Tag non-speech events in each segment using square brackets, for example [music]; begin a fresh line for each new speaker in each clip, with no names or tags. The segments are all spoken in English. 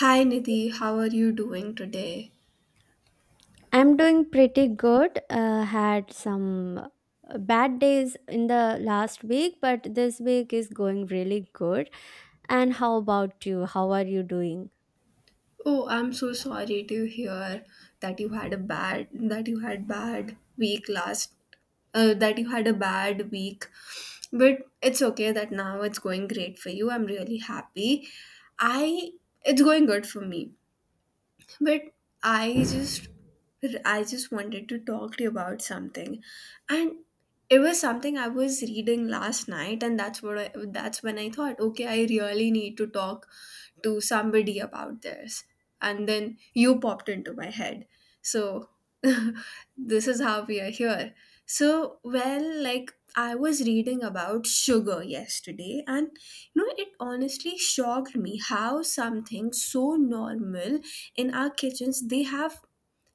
Hi, Nidhi, how are you doing today?
I'm doing pretty good. Had some bad days in the last week, but this week is going really good. And how about you? How are you doing?
Oh, I'm so sorry to hear that you had bad week last that you had a bad week. But it's okay that now it's going great for you. I'm really happy. I It's going good for me. But I just I just wanted to talk to you about something. And it was something I was reading last night, and that's what I, that's when I thought, okay, I really need to talk to somebody about this. And then you popped into my head. So [laughs] this is how we are here. So, well, like I was reading about sugar yesterday, and you know, it honestly shocked me how something so normal in our kitchens they have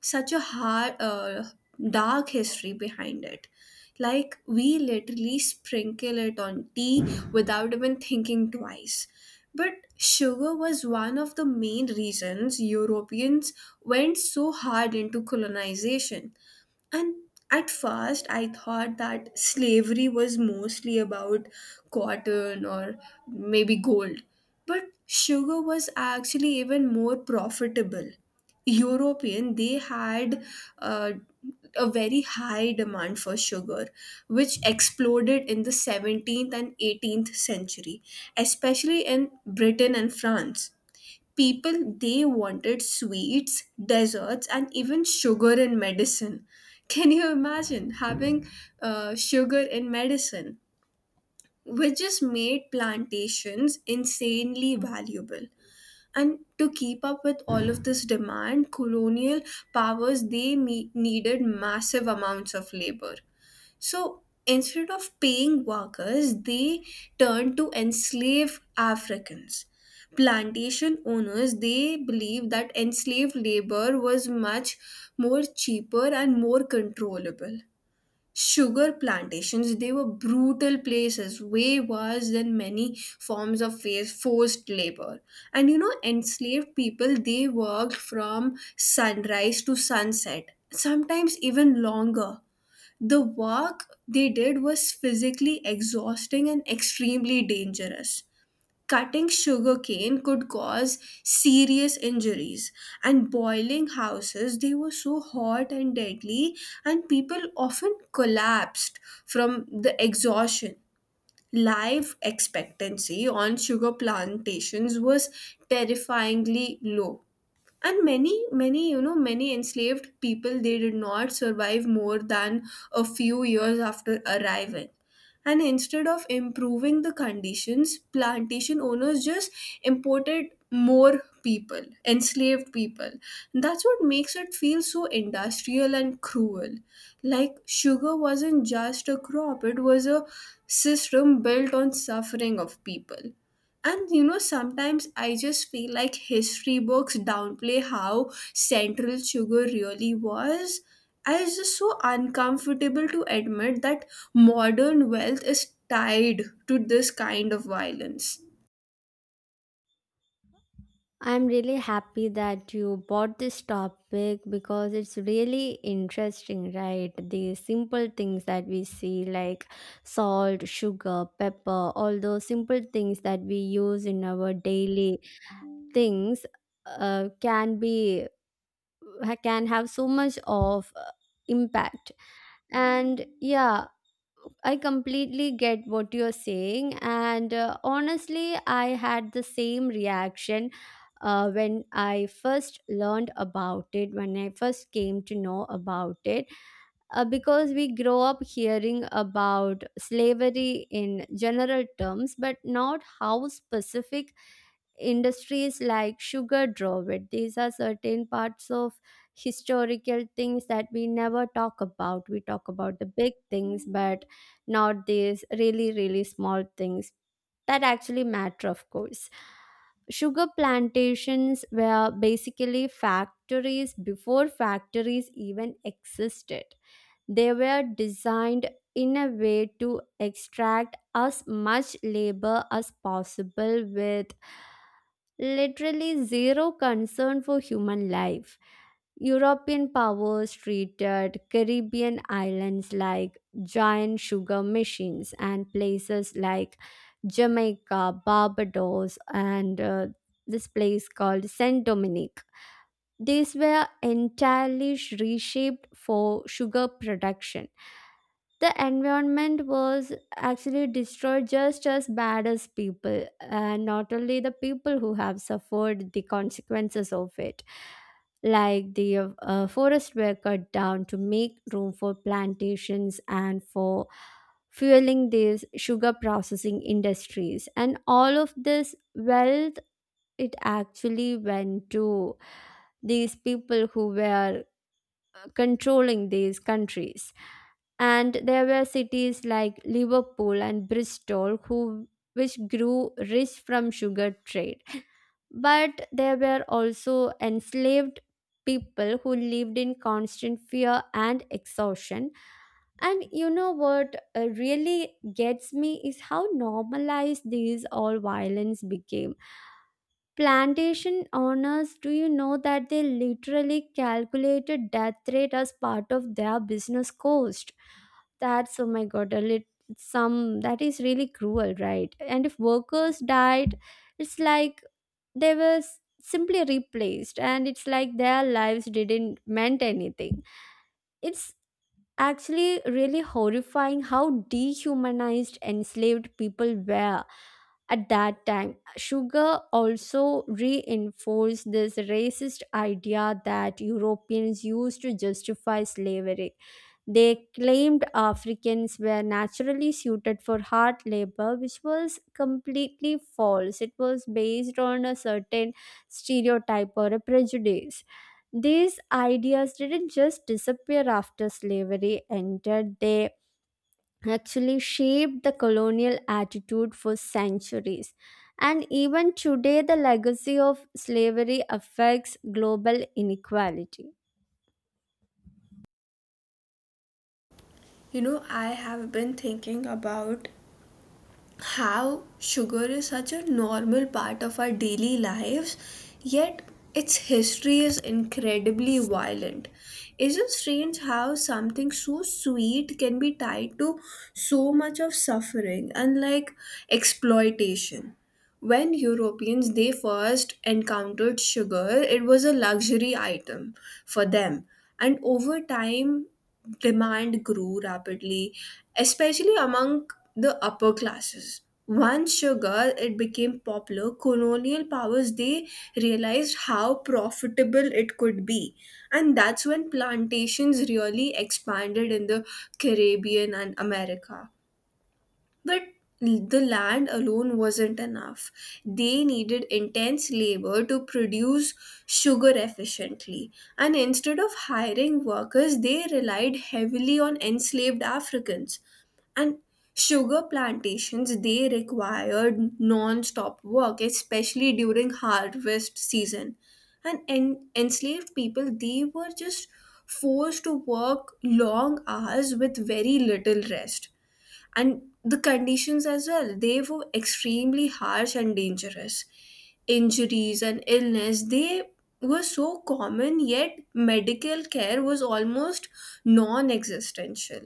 such a hard, dark history behind it. Like we literally sprinkle it on tea without even thinking twice. But sugar was one of the main reasons Europeans went so hard into colonization. And at first, I thought that slavery was mostly about cotton or maybe gold. But sugar was actually even more profitable. European, they had uh, a very high demand for sugar, which exploded in the 17th and 18th century, especially in Britain and France. People, they wanted sweets, desserts, and even sugar in medicine. Can you imagine having sugar in medicine, which just made plantations insanely valuable? And to keep up with all of this demand, colonial powers they needed massive amounts of labor. So instead of paying workers, they turned to enslave Africans. Plantation owners, they believed that enslaved labor was much more cheaper and more controllable. Sugar plantations, they were brutal places, way worse than many forms of forced labor. And you know, enslaved people they worked from sunrise to sunset, sometimes even longer. The work they did was physically exhausting and extremely dangerous. Cutting sugarcane could cause serious injuries, and boiling houses, they were so hot and deadly, and people often collapsed from the exhaustion. Life expectancy on sugar plantations was terrifyingly low, and many many you know many enslaved people they did not survive more than a few years after arriving. And instead of improving the conditions, plantation owners just imported more people, enslaved people. That's what makes it feel so industrial and cruel. Like sugar wasn't just a crop, it was a system built on suffering of people. And you know, sometimes I just feel like history books downplay how central sugar really was. I was just so uncomfortable to admit that modern wealth is tied to this kind of violence.
I'm really happy that you bought this topic because it's really interesting, right? The simple things that we see, like salt, sugar, pepper, all those simple things that we use in our daily things, can be can have so much of impact. And yeah, I completely get what you're saying, and honestly I had the same reaction when I first learned about it, when I first came to know about it, because we grow up hearing about slavery in general terms, but not how specific industries like sugar drove it. These are certain parts of historical things that we never talk about. We talk about the big things but not these really small things that actually matter. Of course, sugar plantations were basically factories before factories even existed. They were designed in a way to extract as much labor as possible, with literally zero concern for human life. European powers treated Caribbean islands like giant sugar machines, and places like Jamaica, Barbados, and this place called Saint Dominic. These were entirely reshaped for sugar production. The environment was actually destroyed just as bad as people, and not only the people who have suffered the consequences of it. Like the forests were cut down to make room for plantations and for fueling these sugar processing industries. And all of this wealth, it actually went to these people who were controlling these countries. And there were cities like Liverpool and Bristol who, which grew rich from sugar trade, but there were also enslaved people who lived in constant fear and exhaustion. And you know what really gets me is how normalized these all violence became. Plantation owners, do you know that they literally calculated death rate as part of their business cost? That's, oh my god, a lit- some, that is really cruel, right? And if workers died, it's like they were simply replaced, and it's like their lives didn't meant anything. It's actually really horrifying how dehumanized enslaved people were at that time. Sugar also reinforced this racist idea that Europeans used to justify slavery. They claimed Africans were naturally suited for hard labor, which was completely false. It was based on a certain stereotype or a prejudice. These ideas didn't just disappear after slavery ended, they actually shaped the colonial attitude for centuries. And even today, the legacy of slavery affects global inequality.
You know, I have been thinking about how sugar is such a normal part of our daily lives, yet its history is incredibly violent. Is it strange how something so sweet can be tied to so much of suffering and like exploitation? When Europeans they first encountered sugar, it was a luxury item for them. And over time, demand grew rapidly, especially among the upper classes. Once sugar it became popular, colonial powers they realized how profitable it could be. And that's when plantations really expanded in the Caribbean and America. But the land alone wasn't enough. They needed intense labor to produce sugar efficiently. And instead of hiring workers, they relied heavily on enslaved Africans. And sugar plantations, they required non stop work, especially during harvest season. And enslaved people, they were just forced to work long hours with very little rest, and the conditions as well, they were extremely harsh and dangerous. Injuries and illness, they were so common, yet medical care was almost non-existential.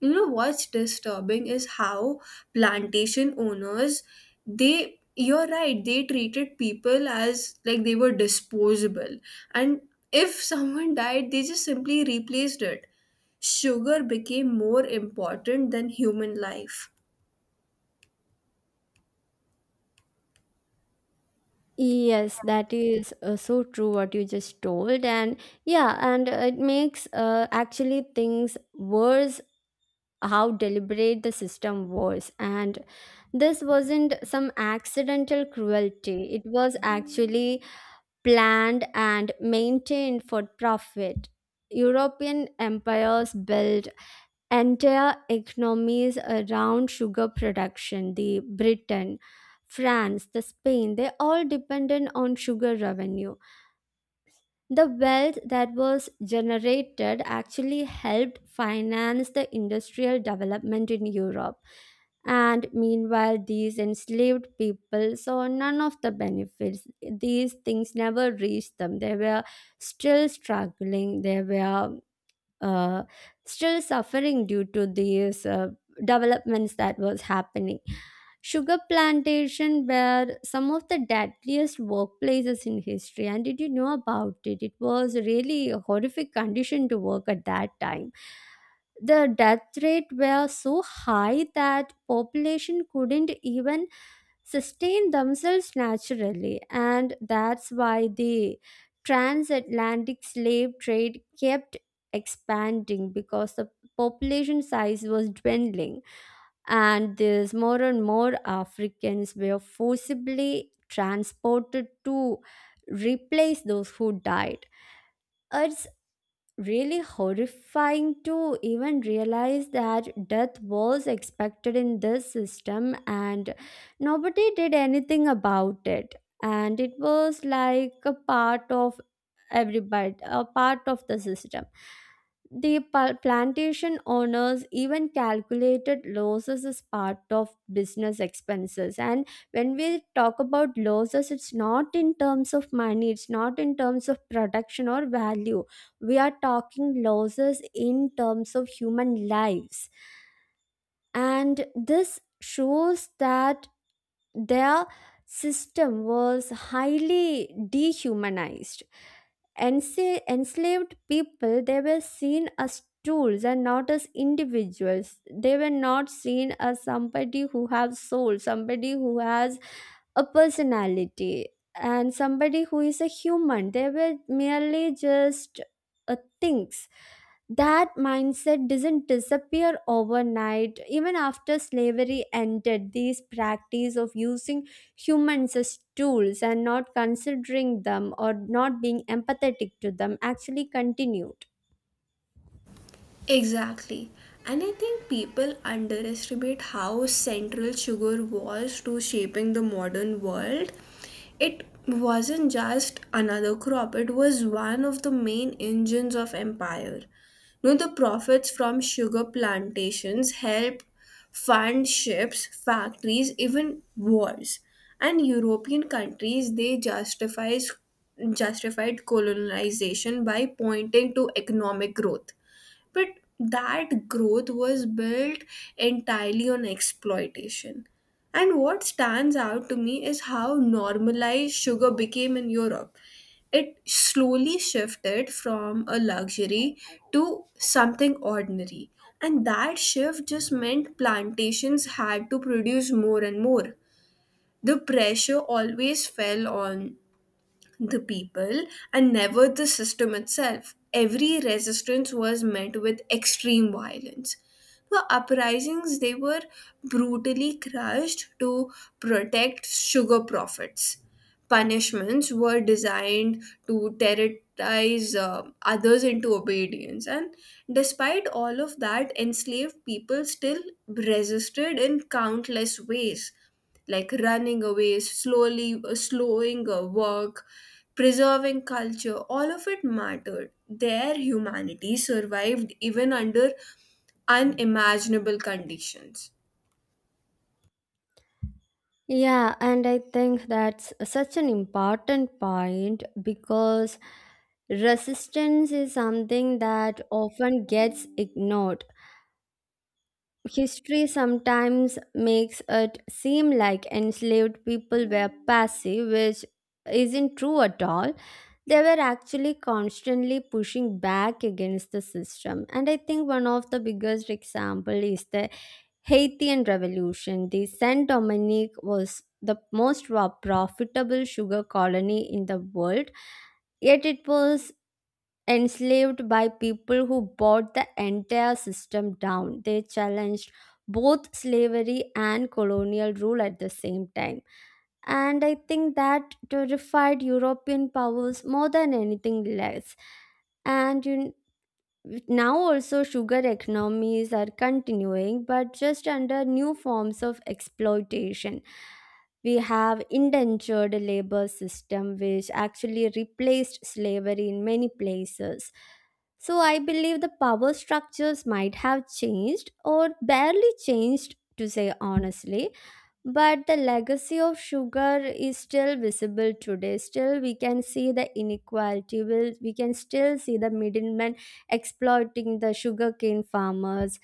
You know what's disturbing is how plantation owners they you're right, they treated people as like they were disposable. And if [laughs] someone died, they just simply replaced it. Sugar became more important than human life.
Yes, that is so true what you just told. And yeah, and it makes actually things worse, how deliberate the system was. And this wasn't some accidental cruelty, it was actually planned and maintained for profit. European empires built entire economies around sugar production. The Britain, France, the Spain, they all depended on sugar revenue. The wealth that was generated actually helped finance the industrial development in Europe. And meanwhile, these enslaved people saw none of the benefits. These things never reached them. They were still struggling, they were uh, still suffering due to these developments that was happening. Sugar plantation were some of the deadliest workplaces in history, and did you know about it? It was really a horrific condition to work at that time. The death rate were so high that population couldn't even sustain themselves naturally, and that's why the transatlantic slave trade kept expanding, because the population size was dwindling, and these more and more Africans were forcibly transported to replace those who died. It's really horrifying to even realize that death was expected in this system, and nobody did anything about it, and it was like a part of everybody, a part of the system. The plantation owners even calculated losses as part of business expenses. And when we talk about losses, it's not in terms of money, it's not in terms of production or value, we are talking losses in terms of human lives. And this shows that their system was highly dehumanized. Enslaved people, they were seen as tools and not as individuals. They were not seen as somebody who have soul, somebody who has a personality, and somebody who is a human. They were merely just things. That mindset doesn't disappear overnight. Even after slavery ended, these practice of using humans as tools and not considering them or not being empathetic to them actually continued.
Exactly. And I think people underestimate how central sugar was to shaping the modern world. It wasn't just another crop, it was one of the main engines of empire. You know, the profits from sugar plantations helped fund ships, factories, even wars. And European countries they justifies justified colonization by pointing to economic growth, but that growth was built entirely on exploitation. And what stands out to me is how normalized sugar became in Europe. It slowly shifted from a luxury to something ordinary. And that shift just meant plantations had to produce more and more. The pressure always fell on the people and never the system itself. Every resistance was met with extreme violence. The uprisings, they were brutally crushed to protect sugar profits. Punishments were designed to terrorize others into obedience, and despite all of that, enslaved people still resisted in countless ways, like running away, slowly slowing work, preserving culture. All of it mattered. Their humanity survived even under unimaginable conditions.
Yeah, and I think that's such an important point, because resistance is something that often gets ignored. History sometimes makes it seem like enslaved people were passive, which isn't true at all. They were actually constantly pushing back against the system. And I think one of the biggest example is the Haitian Revolution. The Saint Dominique was the most profitable sugar colony in the world, yet it was enslaved by people who brought the entire system down. They challenged both slavery and colonial rule at the same time. And I think that terrified European powers more than anything less. And you now, also, sugar economies are continuing, but just under new forms of exploitation. We have indentured labor system, which actually replaced slavery in many places. So, I believe the power structures might have changed or barely changed, to say honestly, but the legacy of sugar is still visible today. Still we can see the inequality, will we can still see the middlemen exploiting the sugarcane farmers.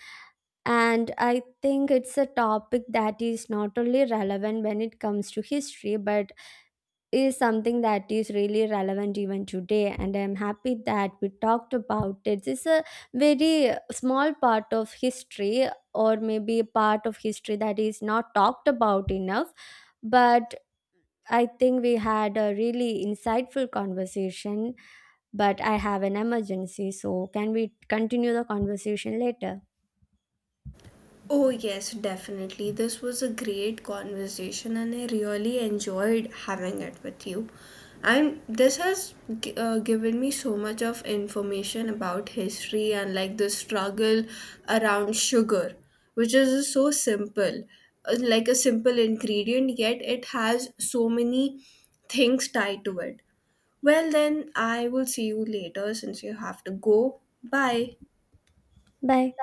And I think it's a topic that is not only relevant when it comes to history, but is something that is really relevant even today. And I'm happy that we talked about it. It's a very small part of history, or maybe a part of history that is not talked about enough, but I think we had a really insightful conversation. But I have an emergency, so can we continue the conversation later?
Oh, yes, definitely. This was a great conversation, and I really enjoyed having it with you. And this has given me so much of information about history and like the struggle around sugar, which is so simple, like a simple ingredient, yet it has so many things tied to it. Well, then I will see you later since you have to go. Bye.
Bye.